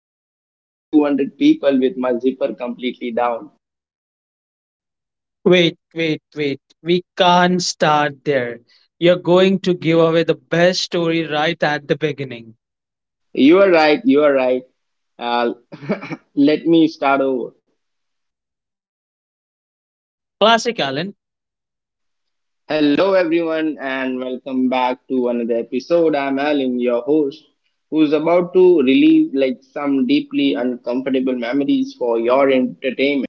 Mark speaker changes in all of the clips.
Speaker 1: like in front of 200 people with my zipper completely down.
Speaker 2: Wait, wait, wait. We can't start there. You're going to give away the best story right at the beginning.
Speaker 1: You are right, you are right. Uh, let me start over.
Speaker 2: Classic Alan.
Speaker 1: Hello, everyone, and welcome back to another episode. I'm Alan, your host, who's about to relieve like some deeply uncomfortable memories for your entertainment.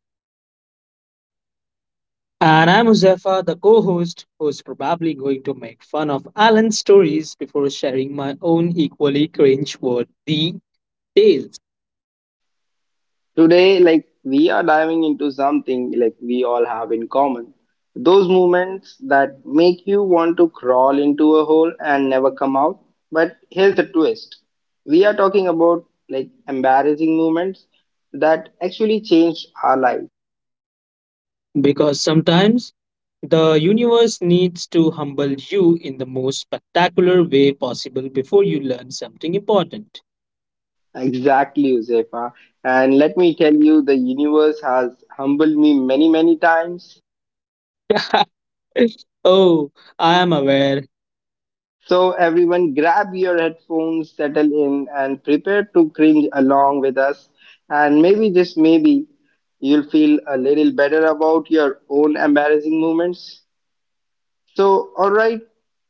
Speaker 2: And I'm Josefa, the co host, who's probably going to make fun of Alan's stories before sharing my own equally cringe worthy tales.
Speaker 1: Today, like we are diving into something like we all have in common. Those moments that make you want to crawl into a hole and never come out. But here's the twist. We are talking about like embarrassing moments that actually changed our life.
Speaker 2: Because sometimes the universe needs to humble you in the most spectacular way possible before you learn something important.
Speaker 1: Exactly, Josefa. And let me tell you, the universe has humbled me many, many times.
Speaker 2: Oh, I am aware.
Speaker 1: So, everyone, grab your headphones, settle in, and prepare to cringe along with us. And maybe, just maybe, you'll feel a little better about your own embarrassing moments. So, alright,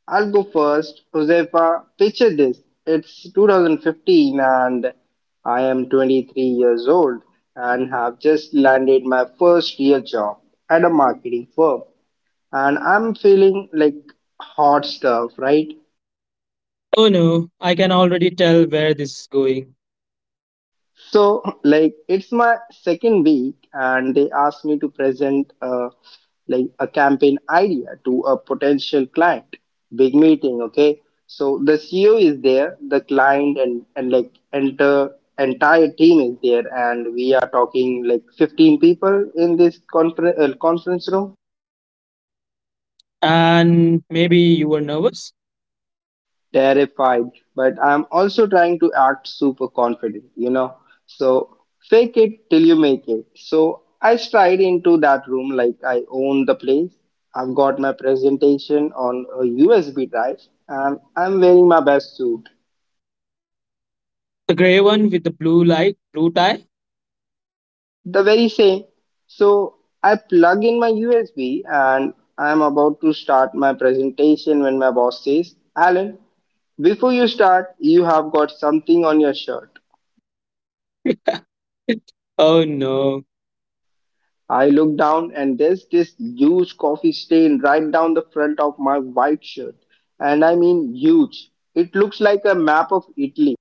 Speaker 1: I'll go first. Josefa, picture this. It's 2015 and I am 23 years old and have just landed my first real job at a marketing firm. And I'm feeling like hot stuff, right?
Speaker 2: Oh no, I can already tell where this is going.
Speaker 1: So, like, it's my second week, and they asked me to present like a campaign idea to a potential client. Big meeting, okay? So the CEO is there, the client, and like enter entire team is there, and we are talking like 15 people in this conference conference room.
Speaker 2: And maybe you were nervous?
Speaker 1: Terrified, but I'm also trying to act super confident, you know. So fake it till you make it. So I stride into that room like I own the place. I've got my presentation on a USB drive and I'm wearing my best suit,
Speaker 2: The grey one with the blue light, blue tie?
Speaker 1: the very same. So I plug in my USB and I'm about to start my presentation when my boss says, Alan, before you start, you have got something on your shirt.
Speaker 2: Oh no.
Speaker 1: I look down and there's this huge coffee stain right down the front of my white shirt. And I mean huge. It looks like a map of Italy.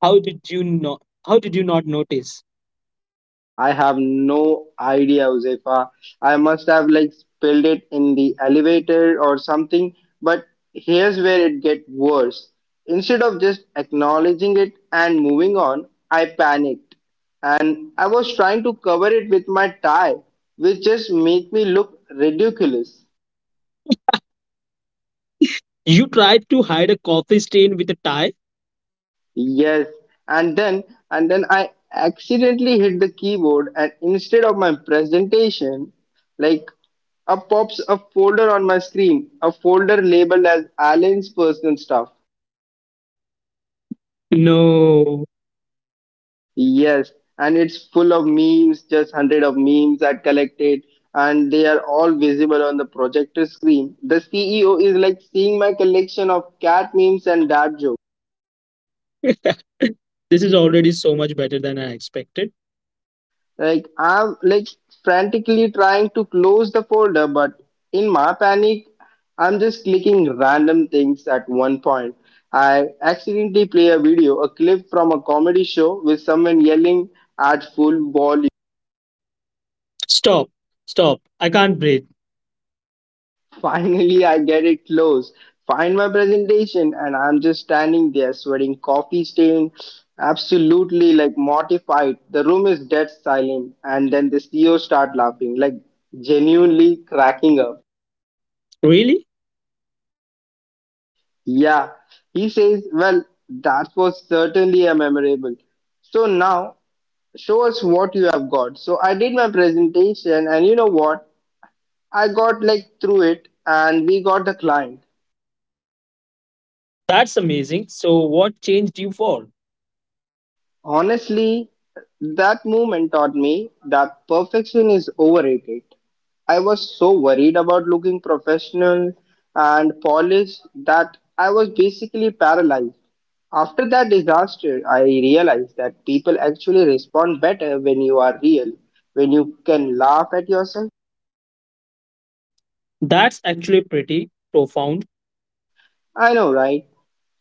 Speaker 2: How did you not how did you not notice?
Speaker 1: I have no idea, Josefa. I must have like spilled it in the elevator or something. But here's where it gets worse. Instead of just acknowledging it and moving on, I panicked and I was trying to cover it with my tie, which just made me look ridiculous.
Speaker 2: You tried to hide a coffee stain with a tie?
Speaker 1: Yes, and then and then I accidentally hit the keyboard and instead of my presentation, like up pops a folder on my screen, a folder labeled as Alan's personal stuff.
Speaker 2: No.
Speaker 1: Yes, and it's full of memes, just hundred of memes I collected, and they are all visible on the projector screen. The CEO is like seeing my collection of cat memes and dad jokes.
Speaker 2: This is already so much better than I expected.
Speaker 1: Like I'm like frantically trying to close the folder, but in my panic, I'm just clicking random things at one point. I accidentally play a video, a clip from a comedy show with someone yelling at full volume.
Speaker 2: Stop, stop. I can't breathe.
Speaker 1: Finally, I get it closed. Find my presentation, and I'm just standing there sweating coffee stain, absolutely like mortified. The room is dead silent, and then the CEO start laughing, like genuinely cracking up.
Speaker 2: Really?
Speaker 1: Yeah, he says, Well, that was certainly a memorable. So now show us what you have got. So I did my presentation, and you know what? I got like through it, and we got the client.
Speaker 2: That's amazing. So, what changed you for?
Speaker 1: Honestly, that moment taught me that perfection is overrated. I was so worried about looking professional and polished that I was basically paralyzed. After that disaster, I realized that people actually respond better when you are real, when you can laugh at yourself.
Speaker 2: That's actually pretty profound.
Speaker 1: I know, right?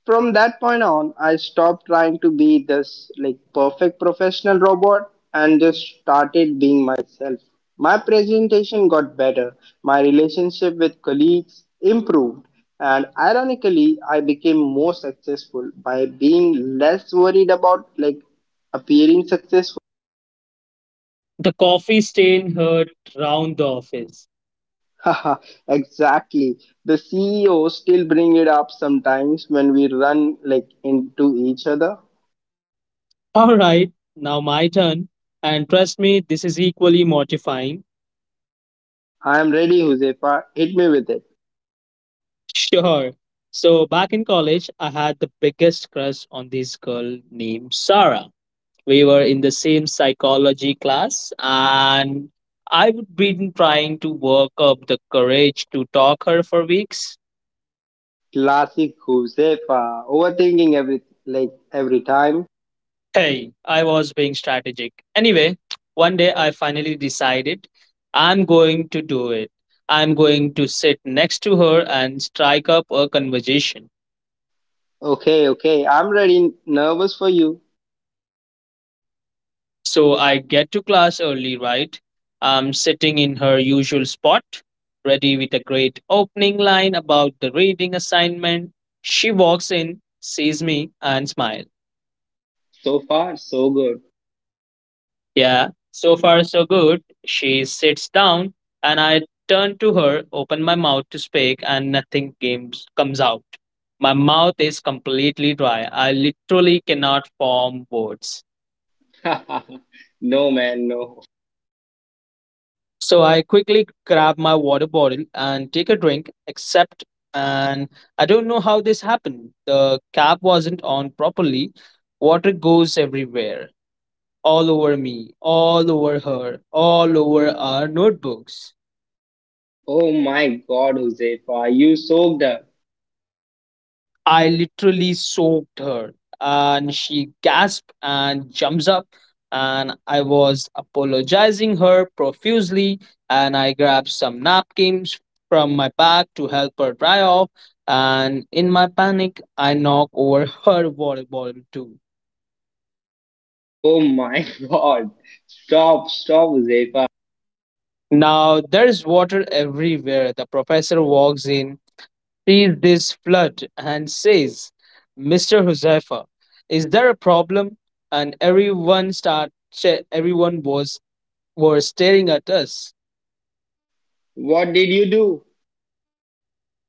Speaker 1: From that point on, I stopped trying to be this like perfect professional robot and just started being myself. My presentation got better, my relationship with colleagues improved, and ironically, I became more successful by being less worried about like appearing successful.
Speaker 2: The coffee stain hurt round the office.
Speaker 1: Haha, exactly. The CEO still bring it up sometimes when we run like into each other.
Speaker 2: All right, now my turn. And trust me, this is equally mortifying.
Speaker 1: I am ready, Josefa. Hit me with it.
Speaker 2: Sure. So, back in college, I had the biggest crush on this girl named Sarah. We were in the same psychology class and I've been trying to work up the courage to talk her for weeks.
Speaker 1: Classic Josefa, overthinking every time.
Speaker 2: Hey, I was being strategic. Anyway, one day I finally decided I'm going to do it. I'm going to sit next to her and strike up a conversation.
Speaker 1: Okay, okay, I'm really nervous for you.
Speaker 2: So I get to class early, right? I'm sitting in her usual spot, ready with a great opening line about the reading assignment. She walks in, sees me, and smiles.
Speaker 1: So far, so good.
Speaker 2: Yeah, so far so good. She sits down, and I turn to her, open my mouth to speak, and nothing games comes out. My mouth is completely dry. I literally cannot form words.
Speaker 1: No, man, no.
Speaker 2: So I quickly grab my water bottle and take a drink, except, and I don't know how this happened. The cap wasn't on properly. Water goes everywhere, all over me, all over her, all over our notebooks.
Speaker 1: Oh my God, Josefa, you soaked up.
Speaker 2: I literally soaked her. And she gasped and jumps up. And I was apologizing her profusely. And I grabbed some napkins from my bag to help her dry off. And in my panic, I knocked over her water bottle too.
Speaker 1: Oh my God. Stop, stop, Josefa.
Speaker 2: Now there's water everywhere. The professor walks in sees this flood and says, "Mr. Huzaifa, is there a problem?" And everyone start ch- everyone was were staring at us.
Speaker 1: What did you do?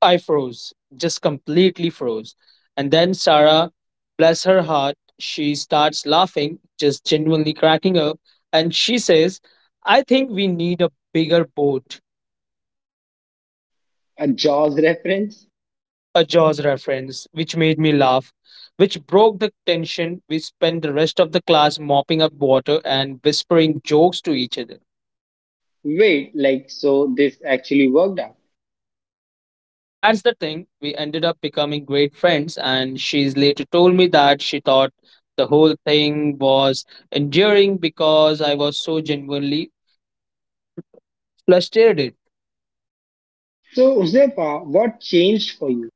Speaker 2: I froze, just completely froze. And then Sarah, bless her heart, she starts laughing, just genuinely cracking up, and she says, "I think we need a bigger boat."
Speaker 1: A Jaws reference?
Speaker 2: A Jaws reference, which made me laugh, which broke the tension. We spent the rest of the class mopping up water and whispering jokes to each other.
Speaker 1: Wait, like, so this actually worked out.
Speaker 2: That's the thing. We ended up becoming great friends, and she's later told me that she thought the whole thing was enduring because I was so genuinely frustrated.
Speaker 1: So, Josefa, what changed for you?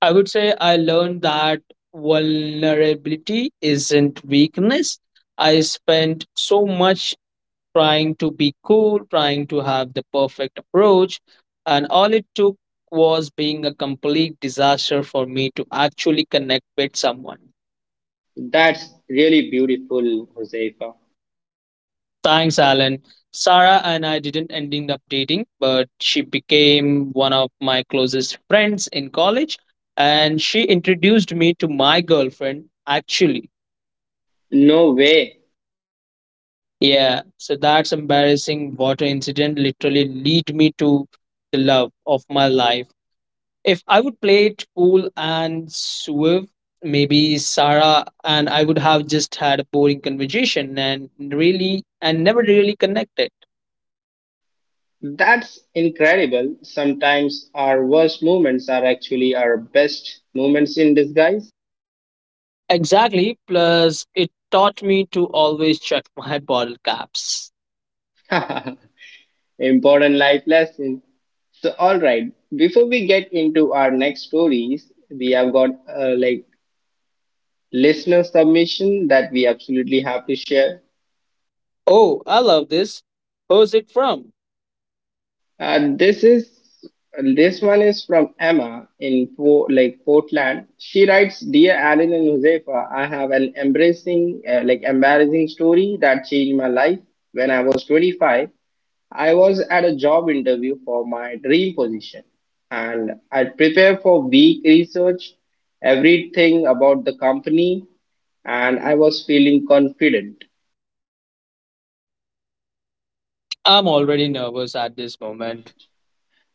Speaker 2: I would say I learned that vulnerability isn't weakness. I spent so much trying to be cool, trying to have the perfect approach, and all it took was being a complete disaster for me to actually connect with someone.
Speaker 1: That's really beautiful, Josefa.
Speaker 2: Thanks, Alan. Sarah and I didn't end up dating, but she became one of my closest friends in college, and she introduced me to my girlfriend, actually.
Speaker 1: No way.
Speaker 2: Yeah, so that's embarrassing water incident literally lead me to the love of my life. If I would play it cool and suave, maybe Sarah and I would have just had a boring conversation and really and never really connected.
Speaker 1: That's incredible. Sometimes our worst moments are actually our best moments in disguise.
Speaker 2: Exactly. Plus, it taught me to always check my bottle caps.
Speaker 1: Important life lesson. So, all right, before we get into our next stories, we have got like listener submission that we absolutely have to share.
Speaker 2: Oh, I love this. Who's it from?
Speaker 1: This is this one is from Emma in like Portland. She writes, "Dear Aaron and Josefa, I have an embracing like embarrassing story that changed my life. When I was 25, I was at a job interview for my dream position, and I prepared for week research, everything about the company, and I was feeling confident.
Speaker 2: I'm already nervous at this moment.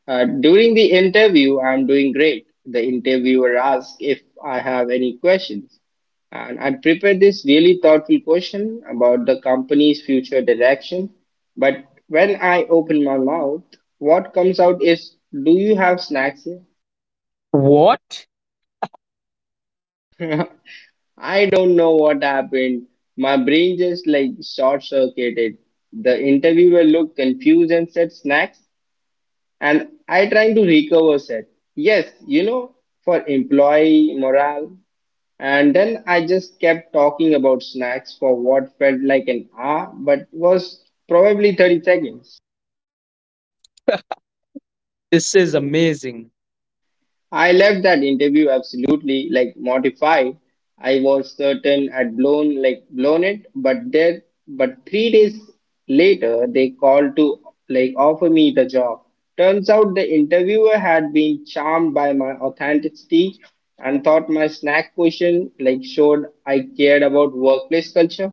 Speaker 1: During the interview, I'm doing great. The interviewer asks if I have any questions. And I prepared this really thoughtful question about the company's future direction. But when I open my mouth, what comes out is, Do you have snacks
Speaker 2: What?
Speaker 1: here? I don't know what happened. My brain just like short circuited. The interviewer looked confused and said, Snacks? And I trying to recover said, yes, you know, for employee morale. And then I just kept talking about snacks for what felt like an hour, but was probably 30 seconds.
Speaker 2: This is amazing.
Speaker 1: I left that interview absolutely like mortified. I was certain I'd blown it, but there but 3 days later they called to like offer me the job. Turns out the interviewer had been charmed by my authenticity and thought my snack question like showed I cared about workplace culture.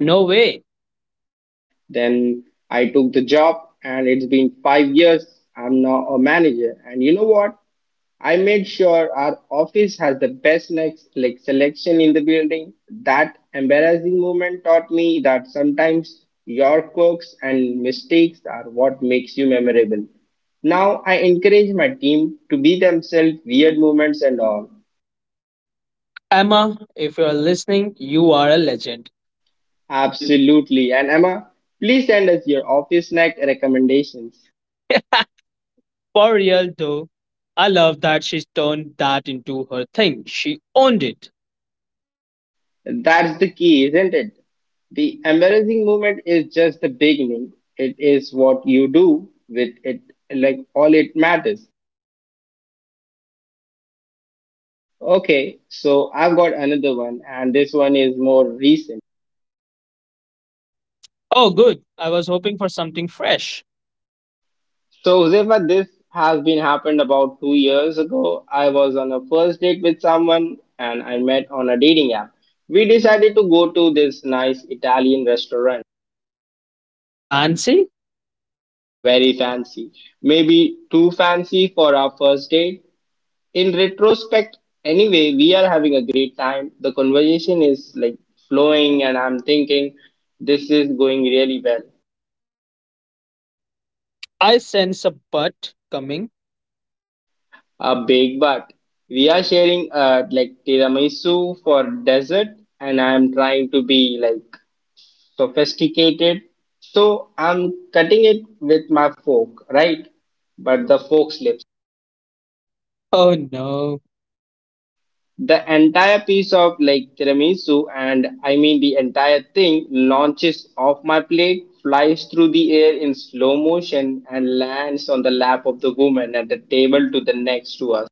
Speaker 2: No way.
Speaker 1: Then I took the job, and it's been 5 years. I'm now a manager. And you know what? I made sure our office has the best next like selection in the building. That embarrassing moment taught me that sometimes your quirks and mistakes are what makes you memorable. Now I encourage my team to be themselves, weird moments and all.
Speaker 2: Emma, if you're listening, you are a legend.
Speaker 1: Absolutely. And Emma, please send us your office snack recommendations.
Speaker 2: For real though, I love that she's turned that into her thing. She owned it.
Speaker 1: That's the key, isn't it? The embarrassing moment is just the beginning. It is what you do with it, like all it matters. Okay, so I've got another one, and this one is more recent.
Speaker 2: Oh, good. I was hoping for something fresh.
Speaker 1: So, Zefa, this has been happened about 2 years ago. I was on a first date with someone, and I met on a dating app. We decided to go to this nice Italian restaurant,
Speaker 2: Fancy?
Speaker 1: very fancy, maybe too fancy for our first date. In retrospect, anyway, we are having a great time, the conversation is like flowing and I'm thinking this is going really well.
Speaker 2: I sense a butt coming.
Speaker 1: A big but. We are sharing like tiramisu for dessert and I'm trying to be like sophisticated, so I'm cutting it with my fork, right? But the fork slips.
Speaker 2: Oh, no.
Speaker 1: The entire piece of like tiramisu, and I mean the entire thing, launches off my plate, flies through the air in slow motion, and lands on the lap of the woman at the table to the next to us.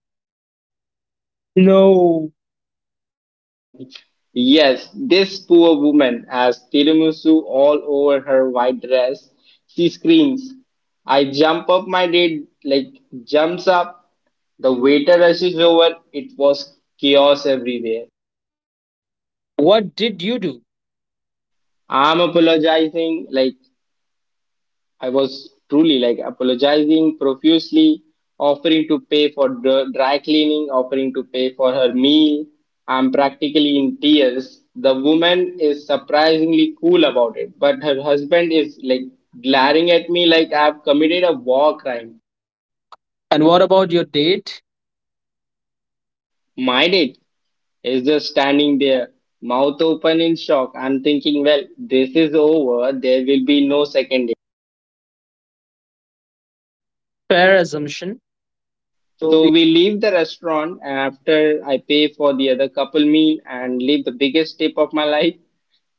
Speaker 2: No.
Speaker 1: Yes, this poor woman has tiramisu all over her white dress. She screams. I jump up, my date, like jumps up. The waiter rushes over. It was chaos everywhere.
Speaker 2: What did you do?
Speaker 1: I'm apologizing. Like I was truly like apologizing profusely, offering to pay for dry cleaning, offering to pay for her meal. I'm practically in tears. The woman is surprisingly cool about it, but her husband is like glaring at me like I've committed a war crime.
Speaker 2: And what about your date?
Speaker 1: Mind it is just standing there, mouth open in shock. I'm thinking, well, this is over. There will be no second.
Speaker 2: Fair assumption. No.
Speaker 1: So we leave the restaurant after I pay for the other couple meal and leave the biggest tip of my life.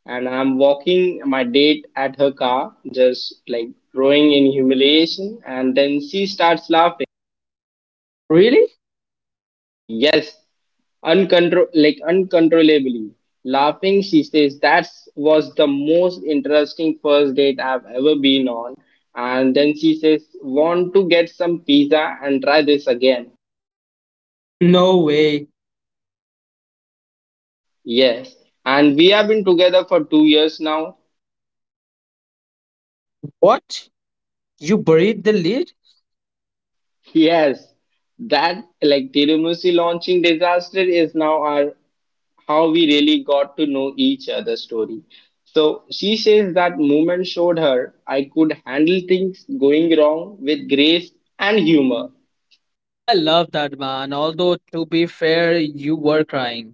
Speaker 1: And I'm walking my date at her car, just like growing in humiliation. And then she starts laughing.
Speaker 2: Really?
Speaker 1: Yes, uncontrollably laughing. She says that was the most interesting first date I've ever been on. And then she says, want to get some pizza and try this again?
Speaker 2: No way.
Speaker 1: Yes, and we have been together for 2 years now.
Speaker 2: What? You buried the lead?
Speaker 1: Yes, that like Tirumusi launching disaster is now our how we really got to know each other story. So she says that moment showed her I could handle things going wrong with grace and humor,
Speaker 2: I love that man. Although to be fair, you were crying.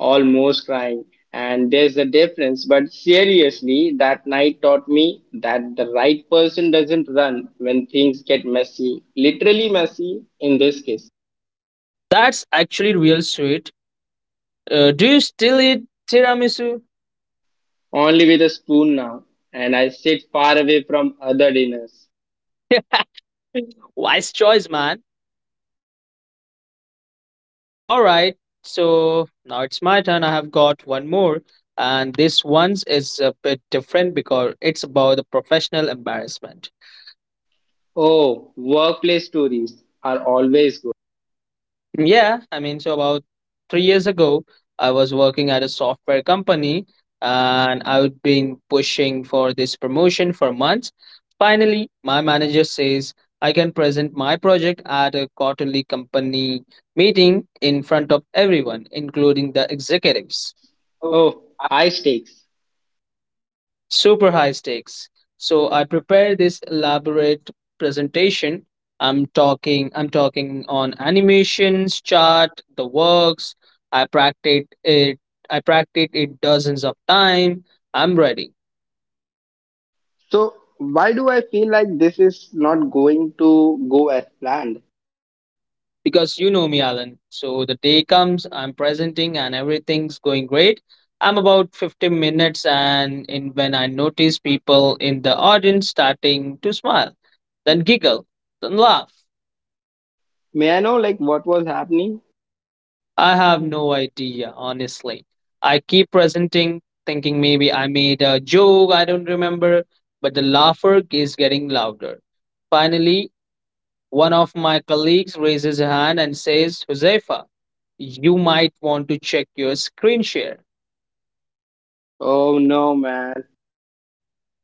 Speaker 1: almost crying. And there's a difference, but seriously, that night taught me that the right person doesn't run when things get messy, literally messy in this case.
Speaker 2: That's actually real sweet. Do you still eat tiramisu?
Speaker 1: Only with a spoon now, and I sit far away from other dinners.
Speaker 2: Wise choice, man. All right. So now it's my turn. I have got one more, and this one's is a bit different because it's about the professional embarrassment.
Speaker 1: Oh, workplace stories are always good.
Speaker 2: Yeah, I mean, so about 3 years ago, I was working at a software company and I would been pushing for this promotion for months. Finally, my manager says I can present my project at a quarterly company meeting in front of everyone, including the executives.
Speaker 1: Oh, high stakes.
Speaker 2: Super high stakes. So I prepared this elaborate presentation. I'm talking on animations, chart, the works. I practiced it I practiced it dozens of times. I'm ready.
Speaker 1: So, why do I feel like this is not going to go as planned?
Speaker 2: Because you know me, Alan. So the day comes, I'm presenting and everything's going great. I'm about 15 minutes and in when I notice people in the audience starting to smile, then giggle, then laugh.
Speaker 1: May I know, like, what was happening?
Speaker 2: I have no idea, honestly. I keep presenting, thinking maybe I made a joke, I don't remember, but the laughter is getting louder. Finally, one of my colleagues raises a hand and says, "Josefa, you might want to check your screen share."
Speaker 1: Oh no, man.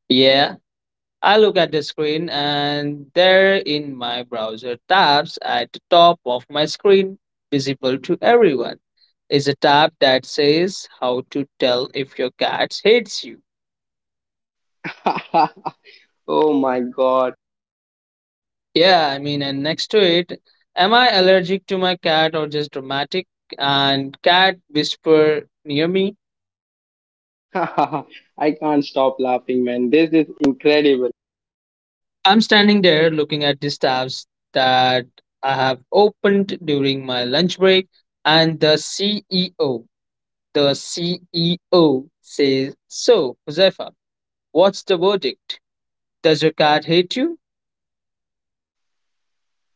Speaker 2: Yeah, I look at the screen and there in my browser tabs at the top of my screen, visible to everyone, is a tab that says, "How to tell if your cat hates you."
Speaker 1: Oh my God.
Speaker 2: Yeah, I mean, and next to it, "Am I allergic to my cat or just dramatic?" And "cat whisper near me."
Speaker 1: I can't stop laughing, man. This is incredible.
Speaker 2: I'm standing there looking at these tabs that I have opened during my lunch break, and the CEO says, "So, Josefa, what's the verdict? Does your cat hate you?"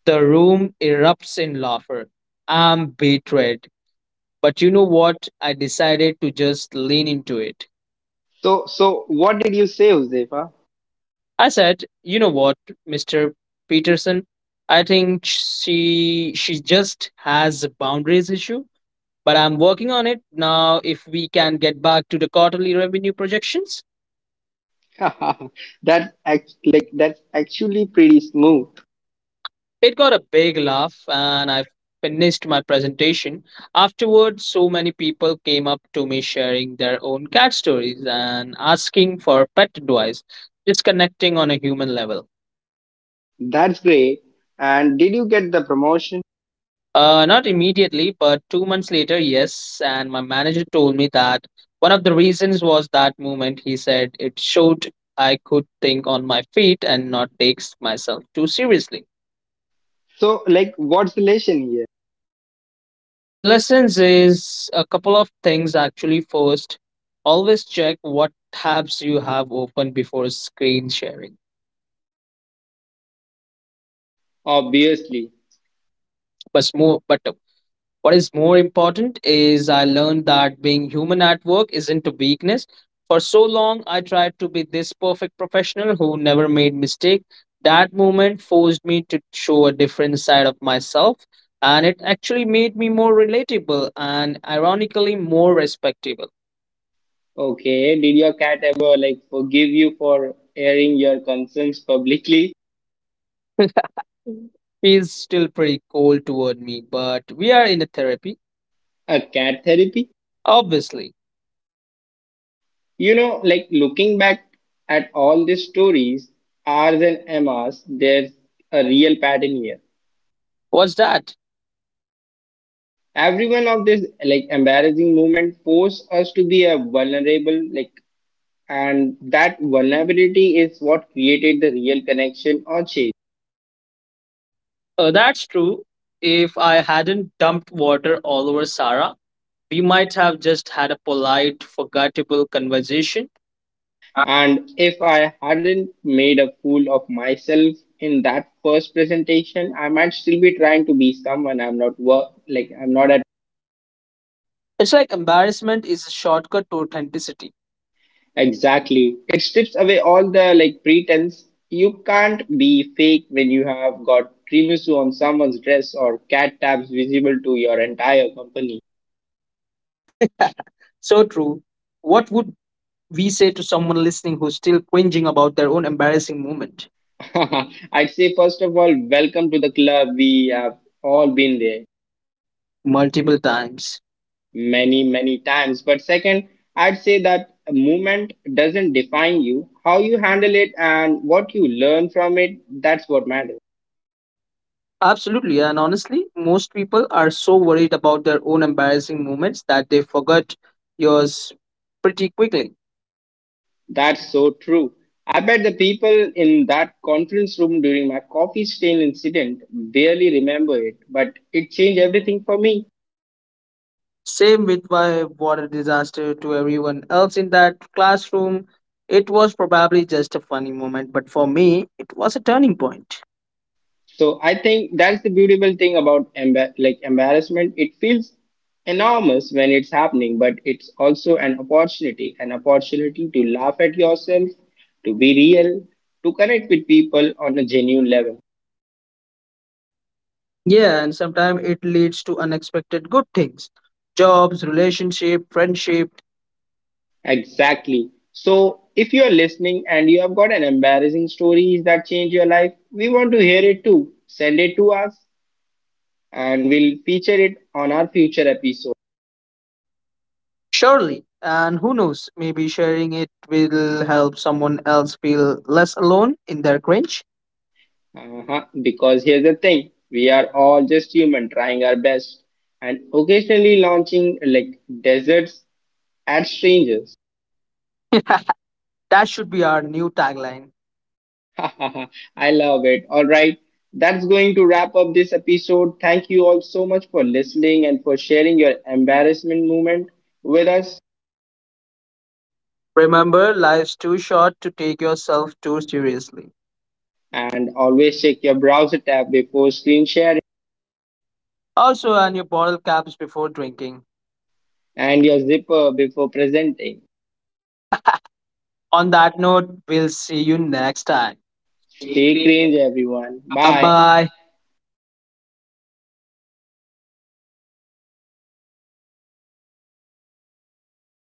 Speaker 2: The room erupts in laughter. I'm betrayed. But you know what? I decided to just lean into it.
Speaker 1: So, so what did you say, Josefa?
Speaker 2: I said, "You know what, Mr. Peterson? I think she just has a boundaries issue, but I'm working on it now. If we can get back to the quarterly revenue projections,"
Speaker 1: That act like that's actually pretty smooth.
Speaker 2: It got a big laugh, and I finished my presentation. Afterwards, so many people came up to me sharing their own cat stories and asking for pet advice, just connecting on a human level.
Speaker 1: That's great. And did you get the promotion?
Speaker 2: Not immediately, but 2 months later, yes. And my manager told me that one of the reasons was that moment. He said it showed I could think on my feet and not take myself too seriously.
Speaker 1: So, like, what's the lesson here?
Speaker 2: So the lessons is a couple of things actually. First, always check what tabs you have open before screen sharing.
Speaker 1: Obviously.
Speaker 2: But what is more important is I learned that being human at work isn't a weakness. For so long, I tried to be this perfect professional who never made mistake. That moment forced me to show a different side of myself, and it actually made me more relatable and ironically more respectable.
Speaker 1: Okay, did your cat ever like forgive you for airing your concerns publicly?
Speaker 2: He's still pretty cold toward me, but we are in a therapy,
Speaker 1: A cat therapy?
Speaker 2: obviously.
Speaker 1: You know, like looking back at all these stories, ours and Emma's, there's a real pattern here.
Speaker 2: What's that?
Speaker 1: Every one of these like embarrassing moment force us to be a vulnerable like and that vulnerability is what created the real connection or change.
Speaker 2: That's true. If I hadn't dumped water all over Sarah, we might have just had a polite, forgettable conversation.
Speaker 1: And if I hadn't made a fool of myself in that first presentation, I might still be trying to be someone I'm not at.
Speaker 2: It's like embarrassment is a shortcut to authenticity.
Speaker 1: Exactly. It strips away all the like pretense. You can't be fake when you have got Primusu on someone's dress or cat tabs visible to your entire company.
Speaker 2: So true. What would we say to someone listening who's still cringing about their own embarrassing moment?
Speaker 1: I'd say first of all, welcome to the club. We have all been there.
Speaker 2: Multiple times?
Speaker 1: Many, many times. But second, I'd say that movement doesn't define you, how you handle it and what you learn from it, that's what matters.
Speaker 2: Absolutely, and honestly, most people are so worried about their own embarrassing moments that they forget yours pretty quickly.
Speaker 1: That's so true. I bet the people in that conference room during my coffee stain incident barely remember it, but it changed everything for me.
Speaker 2: Same with my water disaster to everyone else in that classroom. It was probably just a funny moment, but for me, it was a turning point.
Speaker 1: So I think that's the beautiful thing about like embarrassment. It feels enormous when it's happening, but it's also an opportunity to laugh at yourself, to be real, to connect with people on a genuine level.
Speaker 2: Yeah, and sometimes it leads to unexpected good things: jobs, relationship, friendship,
Speaker 1: Exactly. So if you are listening and you have got an embarrassing stories that change your life, we want to hear it too. Send it to us and we'll feature it on our future episode.
Speaker 2: surely. And who knows, maybe sharing it will help someone else feel less alone in their cringe.
Speaker 1: Uh-huh. Because here's the thing, we are all just human trying our best and occasionally launching like deserts at strangers.
Speaker 2: That should be our new tagline.
Speaker 1: I love it. All right. That's going to wrap up this episode. Thank you all so much for listening and for sharing your embarrassment moment with us.
Speaker 2: Remember, life's too short to take yourself too seriously.
Speaker 1: And always check your browser tab before screen sharing
Speaker 2: Also, earn your bottle caps before drinking.
Speaker 1: and your zipper before presenting.
Speaker 2: On that note, we'll see you next time. Take
Speaker 1: Stay
Speaker 2: care.
Speaker 1: cringe, everyone.
Speaker 2: Bye
Speaker 1: Bye.
Speaker 2: bye.